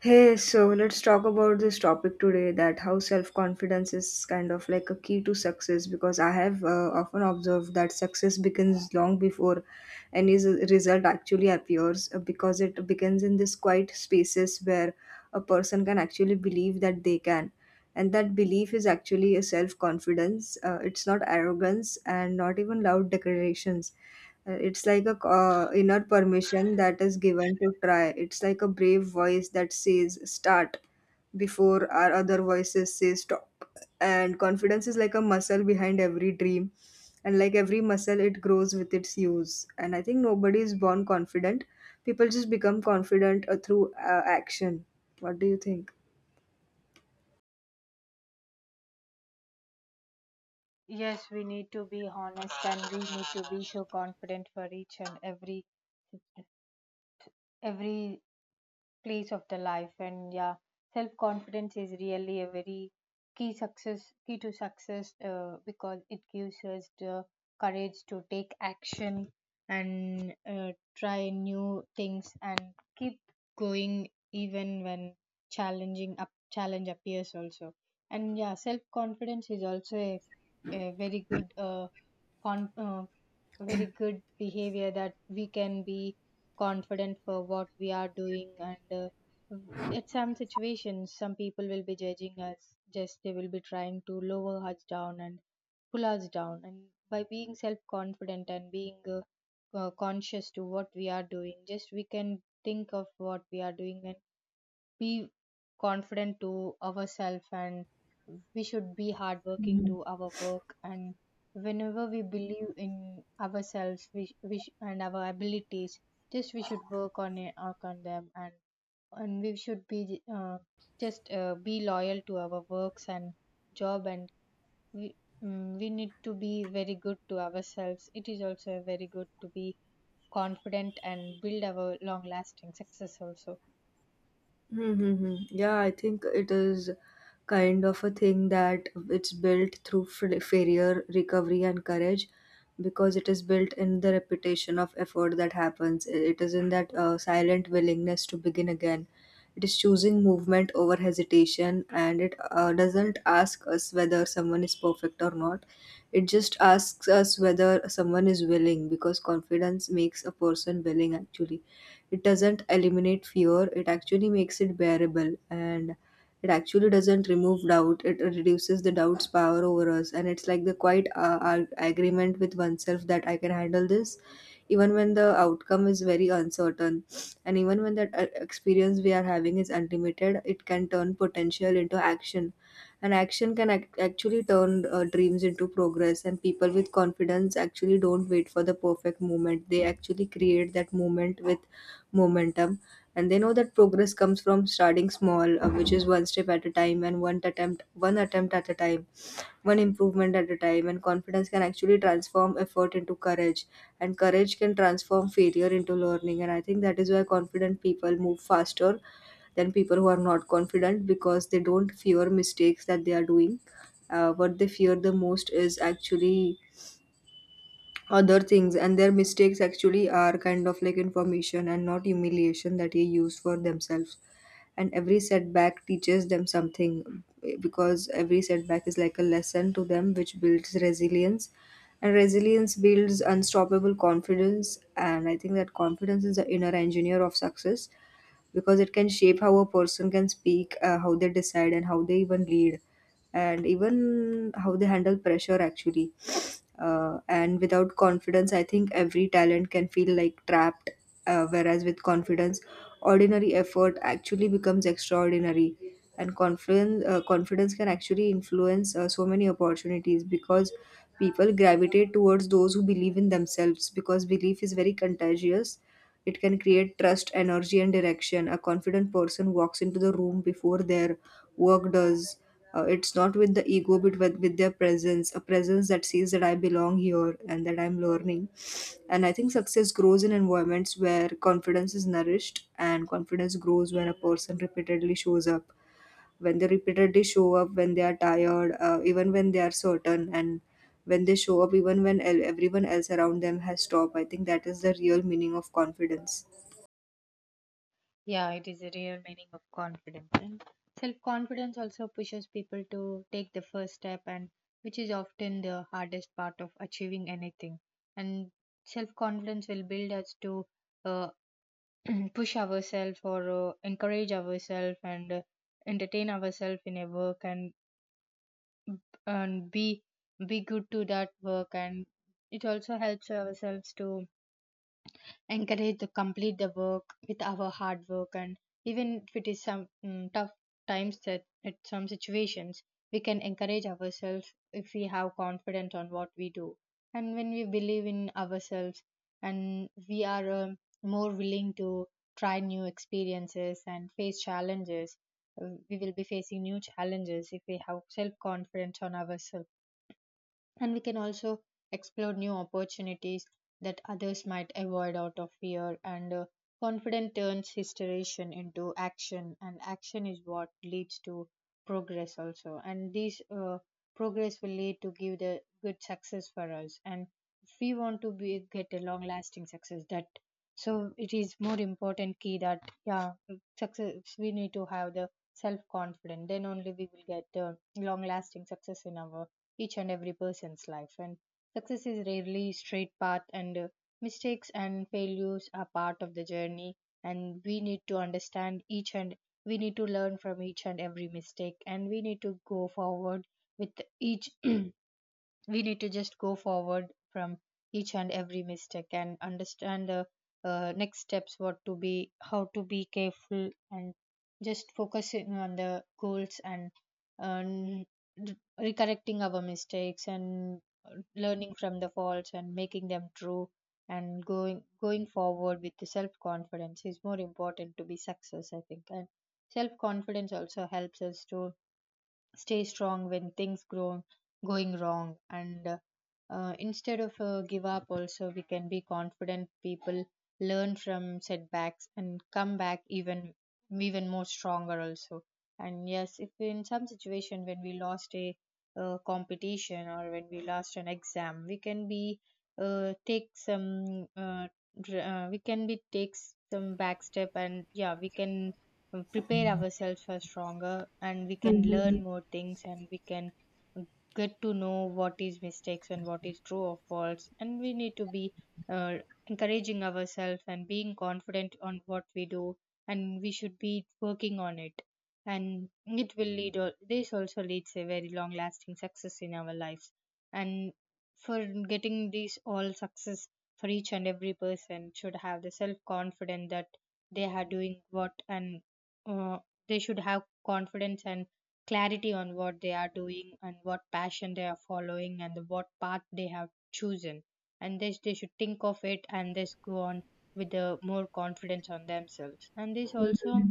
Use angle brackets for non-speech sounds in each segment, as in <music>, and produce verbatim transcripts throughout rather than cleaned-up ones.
Hey, so let's talk about this topic today that how self confidence is kind of like a key to success because I have uh, often observed that success begins long before any s- result actually appears, uh, because it begins in these quiet spaces where a person can actually believe that they can. And that belief is actually a self confidence. Uh, it's not arrogance and not even loud declarations. Uh, It's like a uh, inner permission that is given to try. It's like a brave voice that says start before our other voices say stop. And confidence is like a muscle behind every dream. And like every muscle, it grows with its use. And I think nobody is born confident. People just become confident uh, through uh, action. What do you think? Yes, we need to be honest and we need to be so confident for each and every every place of the life. And yeah, self confidence is really a very key success, key to success, uh, because it gives us the courage to take action and uh, try new things and keep going even when challenging up challenge appears also. And yeah, self confidence is also a, a very good uh, con- uh, very good behavior that we can be confident for what we are doing. And uh, w- at some situations, some people will be judging us, just they will be trying to lower us down and pull us down. And by being self confident and being uh, uh, conscious to what we are doing, just we can think of what we are doing and be confident to ourselves, and we should be hardworking Mhm. to our work. And whenever we believe in ourselves, we, sh- we sh- and our abilities, just we should work on it work on them. And and we should be uh, just uh, be loyal to our works and job. And we, mm, we need to be very good to ourselves. It is also very good to be confident and build our long lasting success also. Mm-hmm. Yeah, I think it is kind of a thing that it's built through fa- failure, recovery, and courage because it is built in the repetition of effort that happens. I- It is in that uh, silent willingness to begin again. It is choosing movement over hesitation, and it uh, doesn't ask us whether someone is perfect or not. It just asks us whether someone is willing, because confidence makes a person willing. Actually, it doesn't eliminate fear, it actually makes it bearable, and it actually doesn't remove doubt, it reduces the doubt's power over us. And it's like the quiet uh, ar- agreement with oneself that I can handle this even when the outcome is very uncertain, and even when that uh, experience we are having is unlimited. It can turn potential into action, and action can ac- actually turn uh, dreams into progress. And people with confidence actually don't wait for the perfect moment, they actually create that moment with momentum. And they know that progress comes from starting small, uh, which is one step at a time, and one attempt one attempt at a time, one improvement at a time. And confidence can actually transform effort into courage, and courage can transform failure into learning. And I think that is why confident people move faster than people who are not confident, because they don't fear mistakes that they are doing. Uh, what they fear the most is actually other things, and their mistakes actually are kind of like information and not humiliation that they use for themselves. And every setback teaches them something, eh, because every setback is like a lesson to them which builds resilience, and resilience builds unstoppable confidence. And I think that confidence is the inner engineer of success, because it can shape how a person can speak, uh, how they decide, and how they even lead, and even how they handle pressure actually. Uh, and without confidence, I think every talent can feel like trapped, uh, whereas with confidence, ordinary effort actually becomes extraordinary. And confidence, uh, confidence can actually influence uh, so many opportunities, because people gravitate towards those who believe in themselves, because belief is very contagious. It can create trust, energy, and direction. A confident person walks into the room before their work does. Uh, it's not with the ego, but with, with their presence, a presence that sees that I belong here and that I'm learning. And I think success grows in environments where confidence is nourished, and confidence grows when a person repeatedly shows up, when they repeatedly show up when they are tired, uh, even when they are certain, and when they show up even when el- everyone else around them has stopped. I think that is the real meaning of confidence. Yeah, it is a real meaning of confidence. And self confidence also pushes people to take the first step, and which is often the hardest part of achieving anything. And self confidence will build us to, uh, <clears throat> push ourselves, or uh, encourage ourselves, and uh, entertain ourselves in a work, and and be be good to that work. And it also helps ourselves to encouraged to complete the work with our hard work. And even if it is some mm, tough times, that at some situations we can encourage ourselves if we have confidence on what we do. And when we believe in ourselves, and we are um, more willing to try new experiences and face challenges. Uh, we will be facing new challenges if we have self confidence on ourselves. And we can also explore new opportunities that others might avoid out of fear. And uh, confident turns hysteration into action, and action is what leads to progress also. And this uh, progress will lead to give the good success for us. And if we want to be get a long lasting success, that so it is more important key, that yeah, success, we need to have the self confidence, then only we will get uh, long lasting success in our each and every person's life. And success is rarely straight path, and uh, mistakes and failures are part of the journey. And we need to understand each, and we need to learn from each and every mistake, and we need to go forward with each <clears throat> we need to just go forward from each and every mistake and understand the uh, next steps, what to be, how to be careful, and just focusing on the goals, and um, r- recorrecting our mistakes and learning from the faults and making them true, and going going forward with the self confidence is more important to be success, I think. And self confidence also helps us to stay strong when things grow going wrong. And uh, uh, instead of uh, give up also, we can be confident people learn from setbacks and come back even even more stronger also. And yes, if in some situation when we lost a uh, competition, or when we lost an exam, we can be, uh, take some uh, dr- uh, we can be take some back step. And yeah, we can uh, prepare ourselves for stronger, and we can learn more things, and we can get to know what is mistakes and what is true or false. And we need to be uh, encouraging ourselves and being confident on what we do, and we should be working on it. And it will lead al- this also leads a very long lasting success in our lives. And for getting this all success, for each and every person should have the self confidence, that they are doing what. And uh, they should have confidence and clarity on what they are doing, and what passion they are following, and the- what path they have chosen. And this, they should think of it, and this go on with the more confidence on themselves. And this also,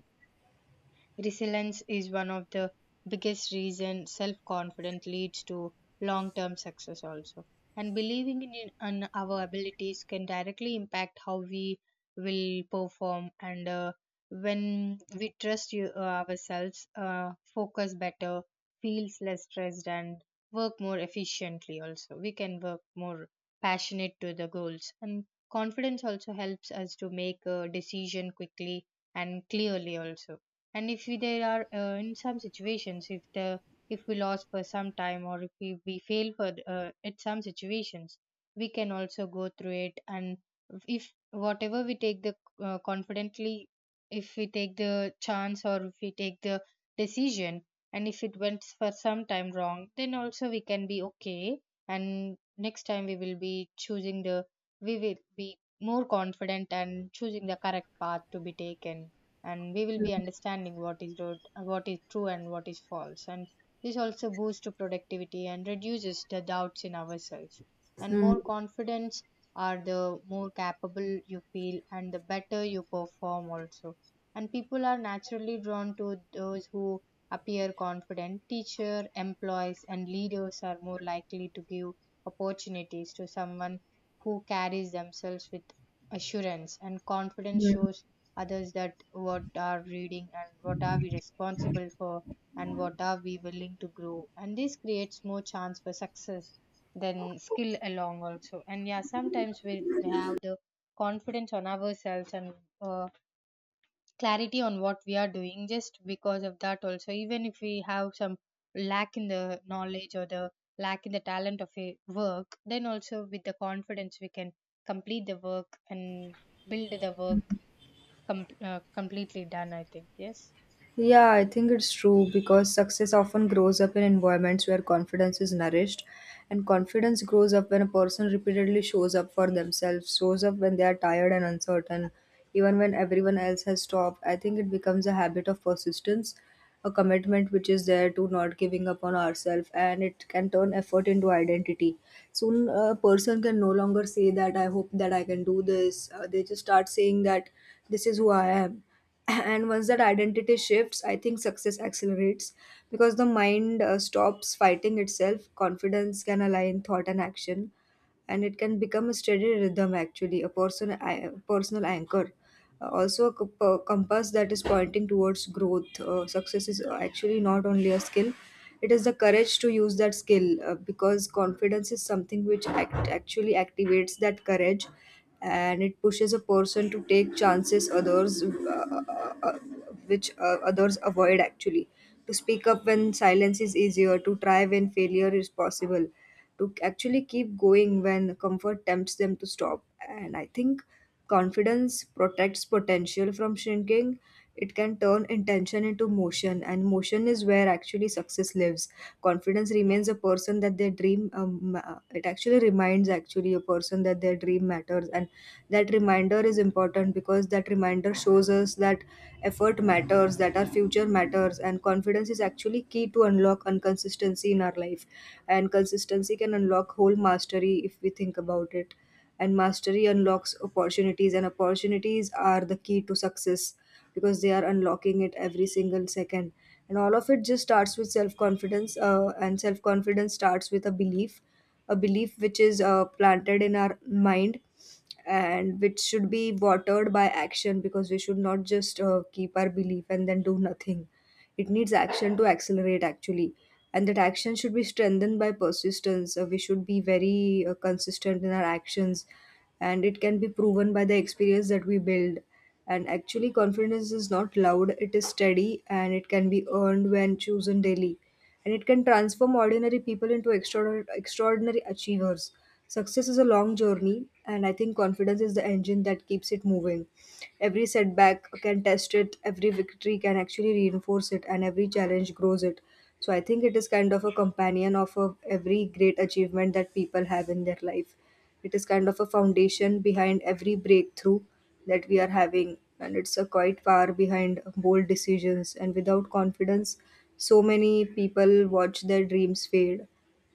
resilience is one of the biggest reasons self confidence leads to long term success, also. And believing in, in our abilities can directly impact how we will perform. And uh, when we trust you, uh, ourselves, uh, focus better, feels less stressed, and work more efficiently, also. We can work more passionate to the goals. And confidence also helps us to make a decision quickly and clearly, also. And if we, there are, uh, in some situations, if the, if we lost for some time, or if we, we fail for uh, at some situations, we can also go through it. And if whatever we take the uh, confidently, if we take the chance, or if we take the decision, and if it went for some time wrong, then also we can be okay. And next time we will be choosing the, we will be more confident and choosing the correct path to be taken. And we will be understanding what is road, what is true and what is false. And this also boosts to productivity and reduces the doubts in ourselves. And more confidence are the more capable you feel and the better you perform also. And people are naturally drawn to those who appear confident. Teacher, employees and leaders are more likely to give opportunities to someone who carries themselves with assurance. And confidence shows others that what are reading and what are we responsible for, and what are we willing to grow. And this creates more chance for success than skill along also. And yeah, sometimes we we have the confidence on ourselves and uh, clarity on what we are doing, just because of that also, even if we have some lack in the knowledge or the lack in the talent of a work, then also with the confidence we can complete the work and build the work Com- uh, completely done, I think. Yes. Yeah, I think it's true because success often grows up in environments where confidence is nourished, and confidence grows up when a person repeatedly shows up for themselves, shows up when they are tired and uncertain, even when everyone else has stopped. I think it becomes a habit of persistence, a commitment which is there to not giving up on ourselves, and it can turn effort into identity. Soon, a person can no longer say that I hope that I can do this. Uh, they just start saying that this is who I am. And once that identity shifts, I think success accelerates, because the mind uh, stops fighting itself. Confidence can align thought and action, and it can become a steady rhythm, actually, a person, a personal anchor. Uh, also a comp- uh, compass that is pointing towards growth. Uh, success is uh, actually not only a skill, it is the courage to use that skill, uh, because confidence is something which act- actually activates that courage, and it pushes a person to take chances others uh, uh, uh, which uh, others avoid actually. To speak up when silence is easier, to try when failure is possible, to actually keep going when comfort tempts them to stop. And I think confidence protects potential from shrinking. It can turn intention into motion, and motion is where actually success lives. Confidence remains a person that their dream. Um, uh, it actually reminds actually a person that their dream matters, and that reminder is important because that reminder shows us that effort matters, that our future matters, and confidence is actually key to unlock inconsistency in our life. And consistency can unlock whole mastery if we think about it. And mastery unlocks opportunities, and opportunities are the key to success, because they are unlocking it every single second. And all of it just starts with self confidence, uh, and self confidence starts with a belief, a belief which is uh, planted in our mind, and which should be watered by action, because we should not just uh, keep our belief and then do nothing. It needs action to accelerate actually, and that action should be strengthened by persistence. Uh, we should be very uh, consistent in our actions, and it can be proven by the experience that we build. And actually, confidence is not loud, it is steady, and it can be earned when chosen daily. And it can transform ordinary people into extraor- extraordinary achievers. Success is a long journey, and I think confidence is the engine that keeps it moving. Every setback can test it, every victory can actually reinforce it, and every challenge grows it. So I think it is kind of a companion of a, every great achievement that people have in their life. It is kind of a foundation behind every breakthrough that we are having, and it's a quiet power behind bold decisions. And without confidence, so many people watch their dreams fade,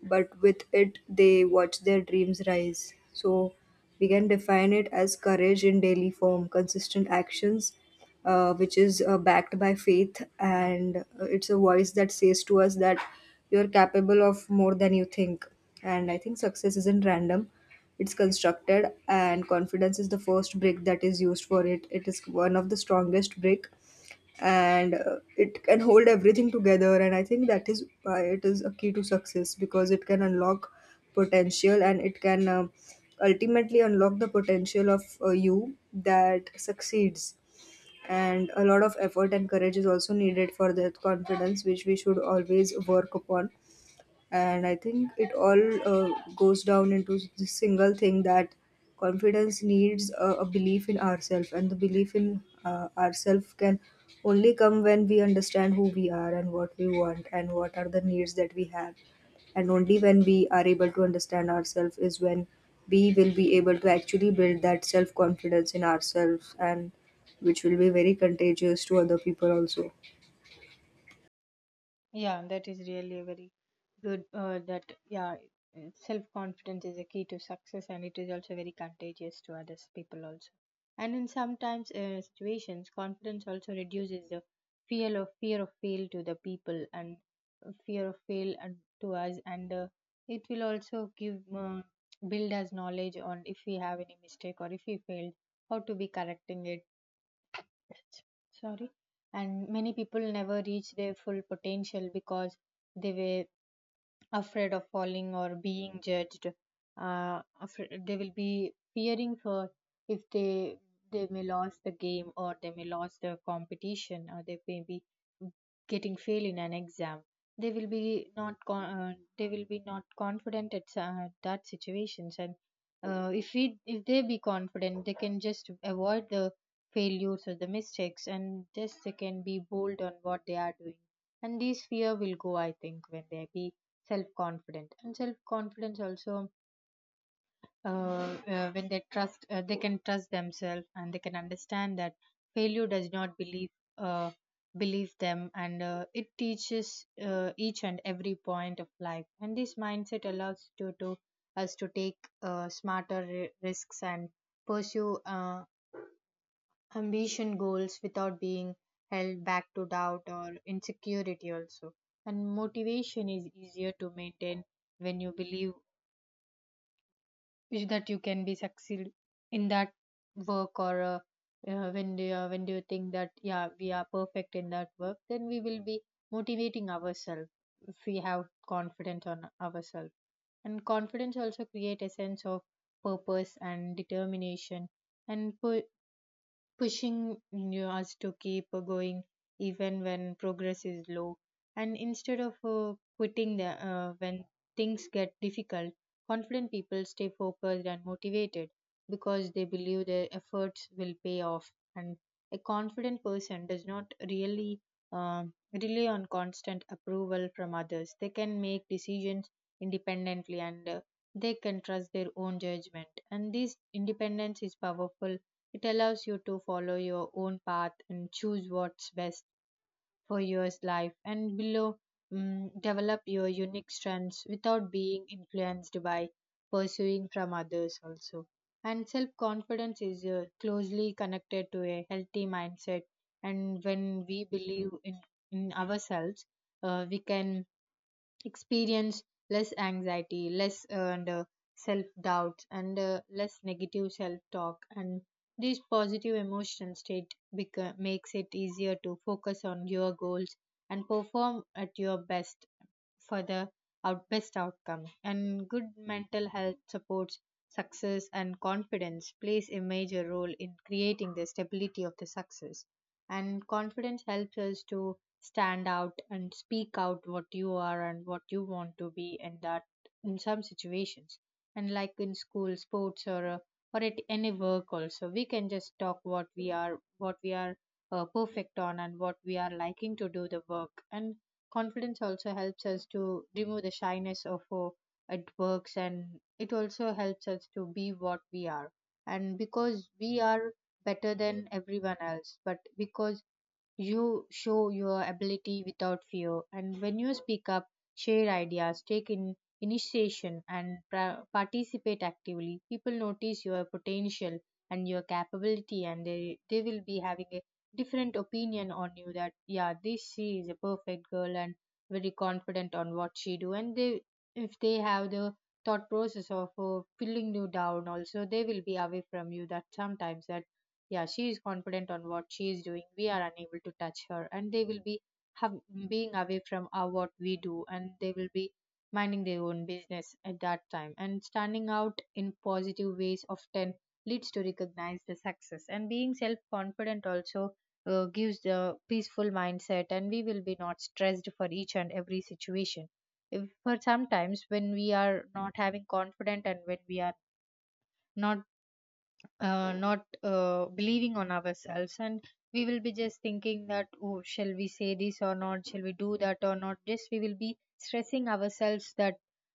but with it, they watch their dreams rise. So we can define it as courage in daily form, consistent actions uh, which is uh, backed by faith, and uh, it's a voice that says to us that you're capable of more than you think. And I think success isn't random, it's constructed, and confidence is the first brick that is used for it. It is one of the strongest brick, and uh, it can hold everything together. And I think that is why it is a key to success, because it can unlock potential, and it can uh, ultimately unlock the potential of uh, you that succeeds. And a lot of effort and courage is also needed for that confidence, which we should always work upon. And I think it all uh, goes down into this single thing, that confidence needs a, a belief in ourselves, and the belief in uh, ourselves can only come when we understand who we are and what we want and what are the needs that we have. And only when we are able to understand ourselves is when we will be able to actually build that self confidence in ourselves, and which will be very contagious to other people also. Yeah, that is really a very good. Uh, that yeah, self confidence is a key to success, and it is also very contagious to others people also. And in sometimes uh, situations, confidence also reduces the fear of fear of fail to the people, and uh, fear of fail and to us. And uh, it will also give uh, build us knowledge on if we have any mistake or if we failed, how to be correcting it, sorry. And many people never reach their full potential because they were afraid of falling or being judged. Uh, afraid, they will be fearing for if they, they may lose the game, or they may lose the competition, or they may be getting fail in an exam. They will be not con- uh, they will be not confident at uh, that situations. And uh, if we, if they be confident, they can just avoid the failures or the mistakes, and just they can be bold on what they are doing. And this fear will go, I think, when they be self-confident. And self-confidence also, uh, uh, when they trust, uh, they can trust themselves, and they can understand that failure does not believe, uh, believe them. And uh, it teaches uh, each and every point of life. And this mindset allows to, to us to take uh, smarter ri- risks and pursue uh, ambition goals without being held back to doubt or insecurity also. And motivation is easier to maintain when you believe, wish that you can be succeed in that work. Or uh, uh, when do you, when do you think that yeah, we are perfect in that work, then we will be motivating ourselves if we have confidence on ourselves. And confidence also create a sense of purpose and determination, and per- pushing you, us to keep going even when progress is low. And instead of uh, quitting the, uh, when things get difficult, confident people stay focused and motivated because they believe their efforts will pay off. And a confident person does not really um rely on constant approval from others. They can make decisions independently, and uh, they can trust their own judgment. And this independence is powerful. It allows you to follow your own path and choose what's best for your life, and below mm develop your unique strengths without being influenced by pursuing from others also. And self confidence is uh, closely connected to a healthy mindset. And when we believe in, in ourselves, uh, we can experience less anxiety, less and uh, self doubt, and uh, less negative self talk. And this positive emotional state beca- makes it easier to focus on your goals and perform at your best for the out- best outcome. And good mental health supports success, and confidence plays a major role in creating the stability of the success. And confidence helps us to stand out and speak out what you are and what you want to be, and that in some situations and like in school sports, or uh, or at any work also, we can just talk what we are, what we are uh, perfect on and what we are liking to do the work. And confidence also helps us to remove the shyness of uh, at works, and it also helps us to be what we are, and because we are better than everyone else, but because you show your ability without fear. And when you speak up, share ideas, take in initiation, and pra- participate actively, people notice your potential and your capability, and they, they will be having a different opinion on you that, yeah, this, she is a perfect girl and very confident on what she do. And they, if they have the thought process of uh, pulling you down also, they will be away from you, that sometimes that, yeah, she is confident on what she is doing, we are unable to touch her. And they will be have, being away from our, what we do, and they will be minding their own business at that time. And standing out in positive ways often leads to recognize the success. And being self confident also uh, gives the peaceful mindset, and we will be not stressed for each and every situation. If for sometimes when we are not having confident and when we are not uh, not uh, believing on ourselves, and we will be just thinking that, oh, shall we say this or not, shall we do that or not, just we will be stressing ourselves that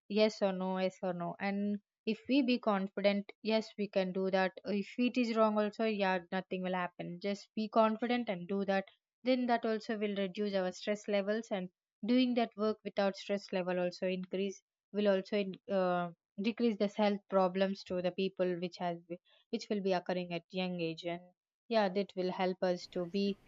yes or no, yes or no. And if we be confident, yes, we can do that. If it is wrong also, yeah, nothing will happen, just be confident and do that. Then that also will reduce our stress levels, and doing that work without stress level also increase will also in, uh, decrease the health problems to the people which has, which will be occurring at young age. And, yeah, that will help us to be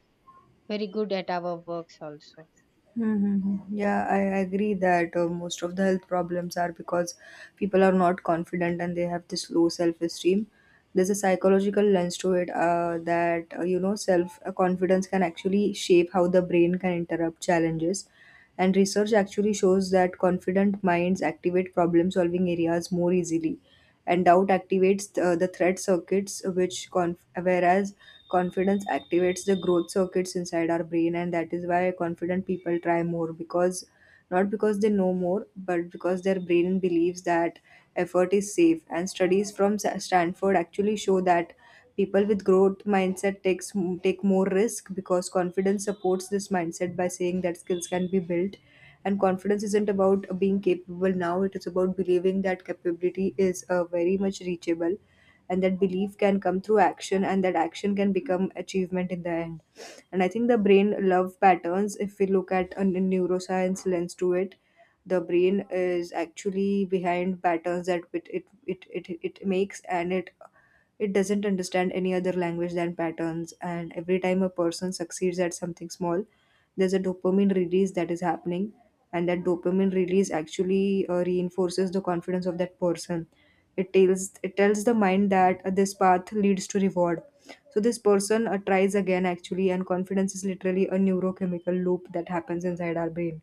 very good at our works also. Mm-hmm. Yeah, I agree that uh, most of the health problems are because people are not confident and they have this low self-esteem. There's a psychological lens to it, uh, that uh, you know self uh, confidence can actually shape how the brain can interrupt challenges. And research actually shows that confident minds activate problem solving areas more easily, and doubt activates uh, the threat circuits, which conf- whereas confidence activates the growth circuits inside our brain. And that is why confident people try more, because not because they know more, but because their brain believes that effort is safe. And studies from Sa- Stanford actually show that people with growth mindset takes take more risk, because confidence supports this mindset by saying that skills can be built. And confidence isn't about being capable now; it is about believing that capability is uh, very much reachable, and that belief can come through action, and that action can become achievement in the end. And I think the brain love patterns. If we look at a neuroscience lens to it, the brain is actually behind patterns that it it it it, it makes, and it it doesn't understand any other language than patterns, and every time a person succeeds at something small, there's a dopamine release that is happening, and that dopamine release actually uh, reinforces the confidence of that person. It tells it tells the mind that uh, this path leads to reward. So this person uh, tries again actually, and confidence is literally a neurochemical loop that happens inside our brain.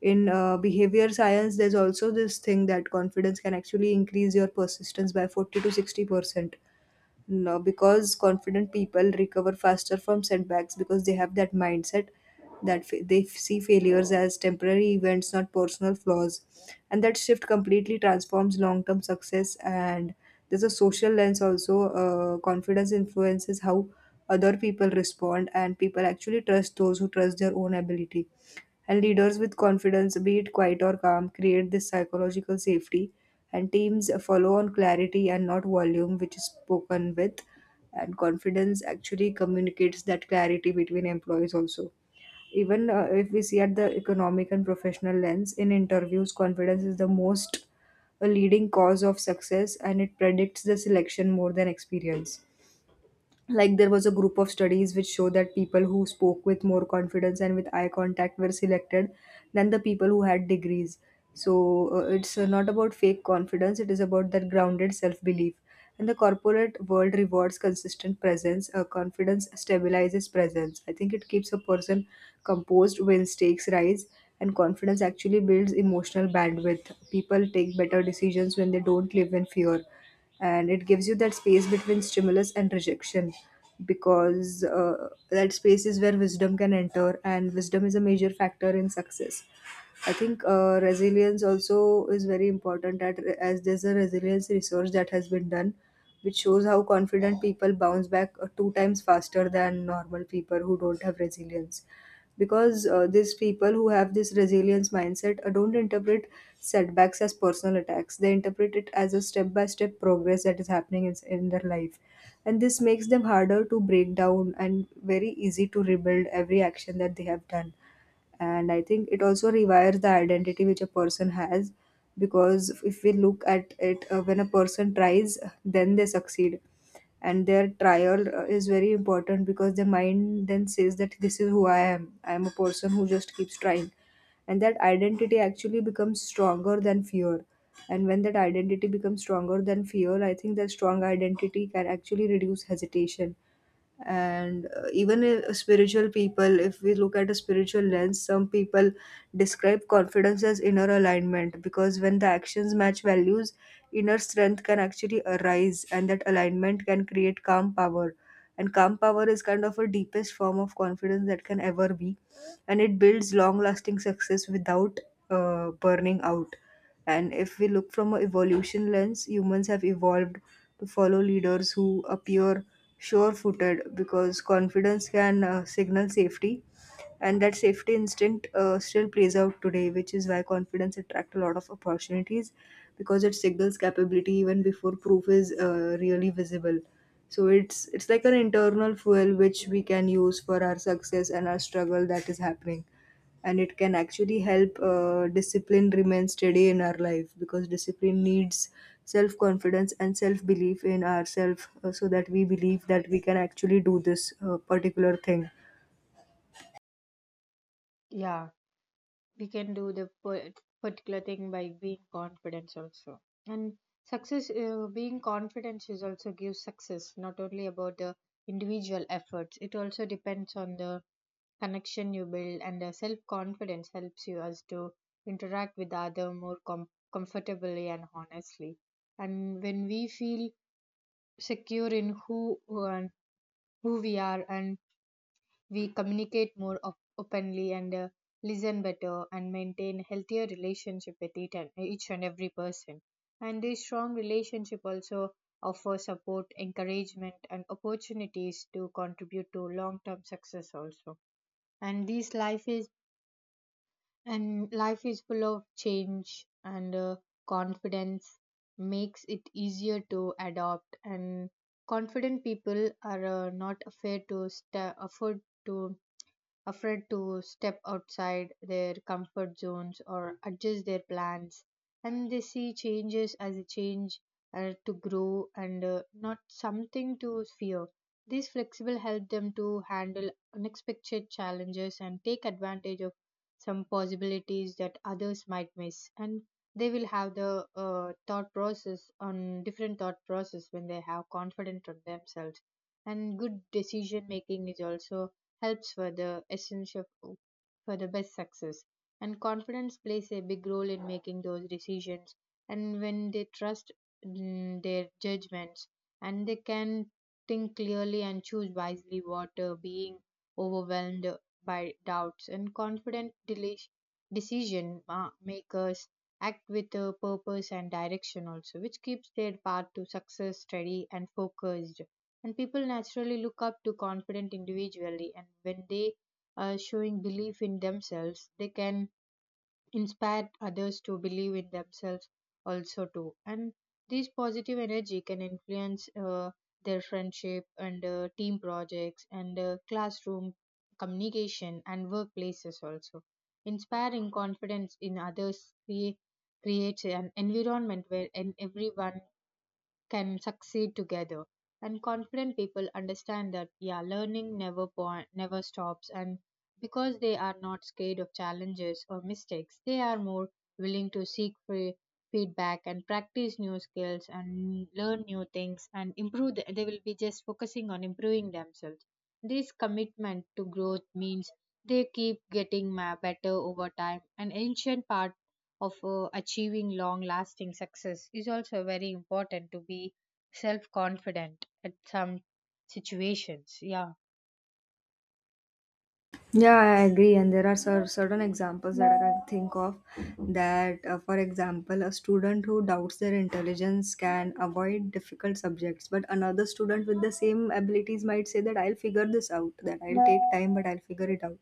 In uh, behavior science, there's also this thing that confidence can actually increase your persistence by forty to sixty percent, no, because confident people recover faster from setbacks because they have that mindset that fa- they see failures as temporary events, not personal flaws. And that shift completely transforms long term success. And there's a social lens also. Uh, confidence influences how other people respond, and people actually trust those who trust their own ability. And leaders with confidence, be it quiet or calm, create this psychological safety, and teams follow on clarity and not volume which is spoken with, and confidence actually communicates that clarity between employees also. Even uh, if we see at the economic and professional lens, in interviews confidence is the most a leading cause of success, and it predicts the selection more than experience. Like, there was a group of studies which show that people who spoke with more confidence and with eye contact were selected than the people who had degrees. So uh, it's uh, not about fake confidence, it is about that grounded self belief, and the corporate world rewards consistent presence. Uh, confidence stabilizes presence, I think. It keeps a person composed when stakes rise, and confidence actually builds emotional bandwidth. People take better decisions when they don't live in fear, and it gives you that space between stimulus and rejection, because uh, that space is where wisdom can enter, and wisdom is a major factor in success. I think uh, resilience also is very important at, as there's a resilience research that has been done, which shows how confident people bounce back uh, two times faster than normal people who don't have resilience. Because uh, these people who have this resilience mindset uh, don't interpret setbacks as personal attacks. They interpret it as a step by step progress that is happening in, in their life. And this makes them harder to break down and very easy to rebuild every action that they have done. And I think it also rewires the identity which a person has, because if we look at it, uh, when a person tries, then they succeed, and their trial uh, is very important, because the mind then says that this is who I am. I am a person who just keeps trying, and that identity actually becomes stronger than fear. And when that identity becomes stronger than fear, I think that strong identity can actually reduce hesitation. And uh, even i- spiritual people, if we look at a spiritual lens, some people describe confidence as inner alignment, because when the actions match values, inner strength can actually arise, and that alignment can create calm power. And calm power is kind of a deepest form of confidence that can ever be, and it builds long lasting success without uh, burning out. And if we look from an evolution lens, humans have evolved to follow leaders who appear sure footed, because confidence can uh, signal safety. And that safety instinct uh, still plays out today, which is why confidence attracts a lot of opportunities, because it signals capability even before proof is uh, really visible. So it's it's like an internal fuel which we can use for our success and our struggle that is happening, and it can actually help uh, discipline remain steady in our life, because discipline needs self confidence and self belief in ourselves, uh, so that we believe that we can actually do this uh, particular thing. Yeah, we can do the par- particular thing by being confident also. And success, uh, being confident is also gives success, not only about the individual efforts, it also depends on the connection you build. And the self confidence helps you as to interact with other more com- comfortably and honestly. And when we feel secure in who and who we are, and we communicate more op- openly and uh, listen better and maintain healthier relationship with each and, each and every person. And this strong relationship also offer support, encouragement, and opportunities to contribute to long term success also. And this life is and life is full of change, and uh, confidence makes it easier to adopt. And confident people are uh, not afraid to sta afford to afraid to step outside their comfort zones or adjust their plans, and they see changes as a change uh, to grow and uh, not something to fear. These flexible help them to handle unexpected challenges and take advantage of some possibilities that others might miss. And they will have the uh, thought process on different thought process when they have confidence on themselves. And good decision making is also helps for the essential for the best success, and confidence plays a big role in making those decisions. And when they trust mm, their judgments, and they can think clearly and choose wisely what uh, being overwhelmed by doubts. And confident deli- decision ma- makers act with a purpose and direction also, which keeps their path to success steady and focused. And people naturally look up to confident individually, and when they are showing belief in themselves, they can inspire others to believe in themselves also too. And this positive energy can influence uh, their friendship and uh, team projects and uh, classroom communication and workplaces also. Inspiring confidence in others create, Creates an environment where and everyone can succeed together. And confident people understand that, yeah, learning never point never stops. And because they are not scared of challenges or mistakes, they are more willing to seek free feedback and practice new skills and learn new things and improve the, they will be just focusing on improving themselves. This commitment to growth means they keep getting ma- better over time. An ancient part of uh, achieving long lasting success is also very important to be self confident at some situations, yeah. Yeah, I agree, and there are cer- certain examples that I can think of. That uh, for example, a student who doubts their intelligence can avoid difficult subjects, but another student with the same abilities might say that I'll figure this out, that I'll take time but I'll figure it out.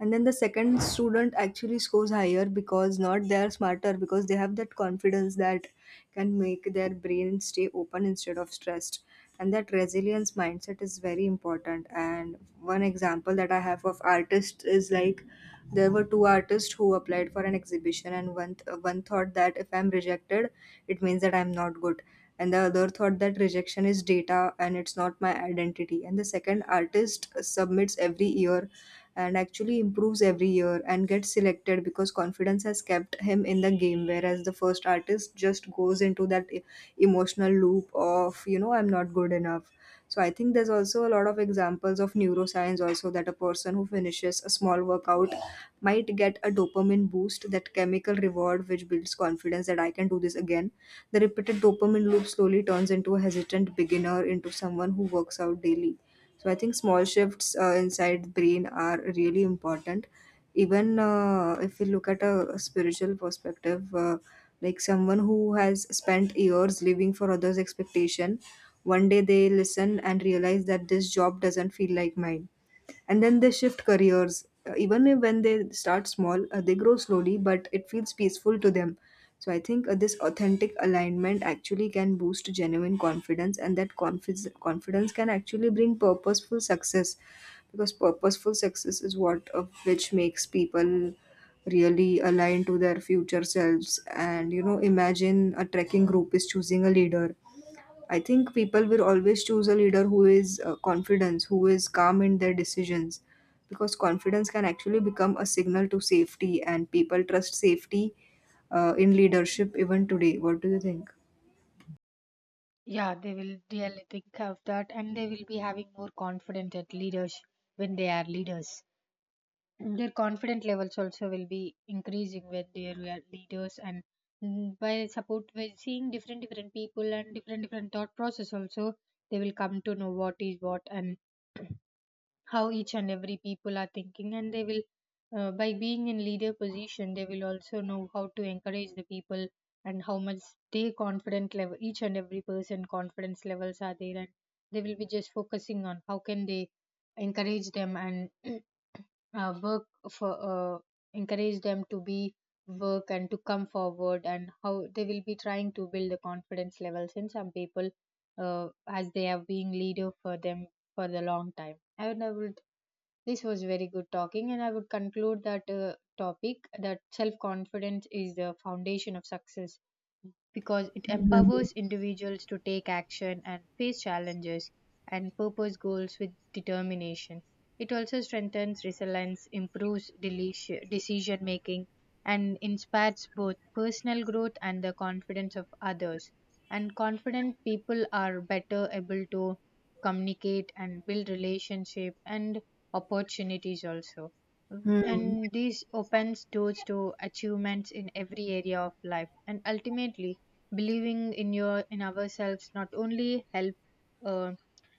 And then the second student actually scores higher, because not they are smarter, because they have that confidence that can make their brain stay open instead of stressed. And that resilience mindset is very important. And one example that I have of artists is like, there were two artists who applied for an exhibition, and one th- one thought that if I'm rejected, it means that I'm not good, and the other thought that rejection is data and it's not my identity. And the second artist submits every year, and actually improves every year, and gets selected because confidence has kept him in the game, whereas the first artist just goes into that e- emotional loop of, you know, I'm not good enough. So I think there's also a lot of examples of neuroscience also, that a person who finishes a small workout might get a dopamine boost, that chemical reward which builds confidence that I can do this again. The repeated dopamine loop slowly turns into a hesitant beginner, into someone who works out daily. So I think small shifts uh, inside the brain are really important. Even uh, if we look at a spiritual perspective, uh, like someone who has spent years living for others' expectation, one day they listen and realize that this job doesn't feel like mine, and then they shift careers. Uh, even if when they start small, uh, they grow slowly, but it feels peaceful to them. So I think uh, this authentic alignment actually can boost genuine confidence, and that confi- confidence can actually bring purposeful success, because purposeful success is what uh, which makes people really align to their future selves. And, you know, imagine a trekking group is choosing a leader. I think people will always choose a leader who is uh, confident, who is calm in their decisions, because confidence can actually become a signal to safety, and people trust safety uh, in leadership even today. What do you think? Yeah, they will really think of that, and they will be having more confident at leaders. When they are leaders, their confident levels also will be increasing when they are leaders. And mm, by support, by seeing different different people and different different thought process also, they will come to know what is what and how each and every people are thinking. And they will, uh, by being in leader position, they will also know how to encourage the people and how much they confident level, each and every person confidence levels are there. And they will be just focusing on how can they encourage them and <clears throat> uh, work for uh, encourage them to be work and to come forward, and how they will be trying to build the confidence levels in some people uh, as they have been leader for them for the long time. And I would This was very good talking, and I would conclude that uh, topic that self confidence is the foundation of success, because it empowers individuals to take action and face challenges and purpose goals with determination. It also strengthens resilience, improves delici- decision making, and inspires both personal growth and the confidence of others. And confident people are better able to communicate and build relationship and opportunities also. Hmm. And this opens doors to achievements in every area of life. And ultimately, believing in your in ourselves not only help uh,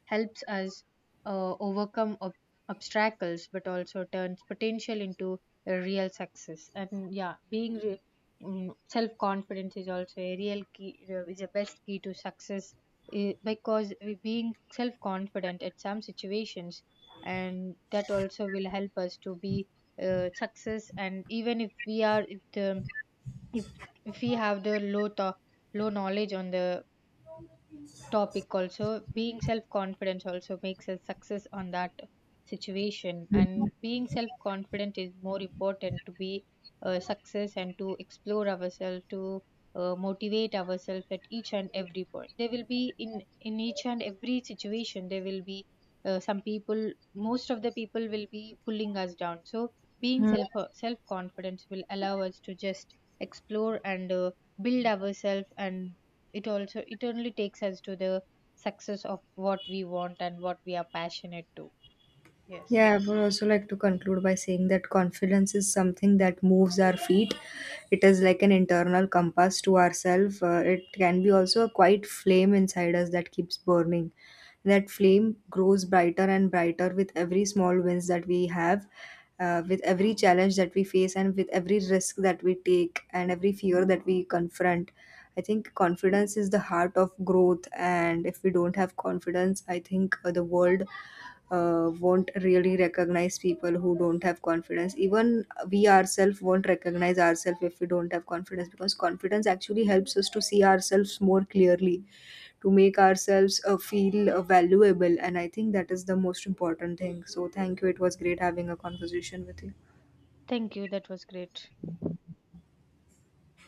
helps us uh, overcome ob- obstacles, but also turns potential into a real success. And, yeah, being re- mm, self-confidence is also a real key, uh, is the best key to success, eh, because we being self-confident at some situations, and that also will help us to be uh, success. And even if we are if the if we have the low tho- low knowledge on the topic also, being self confident also makes a success on that situation. And being self confident is more important to be a success and to explore ourselves, to uh, motivate ourselves at each and every point. There will be in in each and every situation, there will be uh, some people, most of the people will be pulling us down. So being self self confidence will allow us to just explore and uh, build ourselves, and it also it only takes us to the success of what we want and what we are passionate to. Yes. Yeah, I would also like to conclude by saying that confidence is something that moves our feet. It is like an internal compass to ourselves. Uh, it can be also a quiet flame inside us that keeps burning. That flame grows brighter and brighter with every small wins that we have, uh, with every challenge that we face, and with every risk that we take, and every fear that we confront. I think confidence is the heart of growth, and if we don't have confidence, I think uh, the world uh, won't really recognize people who don't have confidence. Even we ourselves won't recognize ourselves if we don't have confidence, because confidence actually helps us to see ourselves more clearly, to make ourselves uh, feel uh, valuable. And I think that is the most important thing. So thank you, it was great having a conversation with you. Thank you, that was great.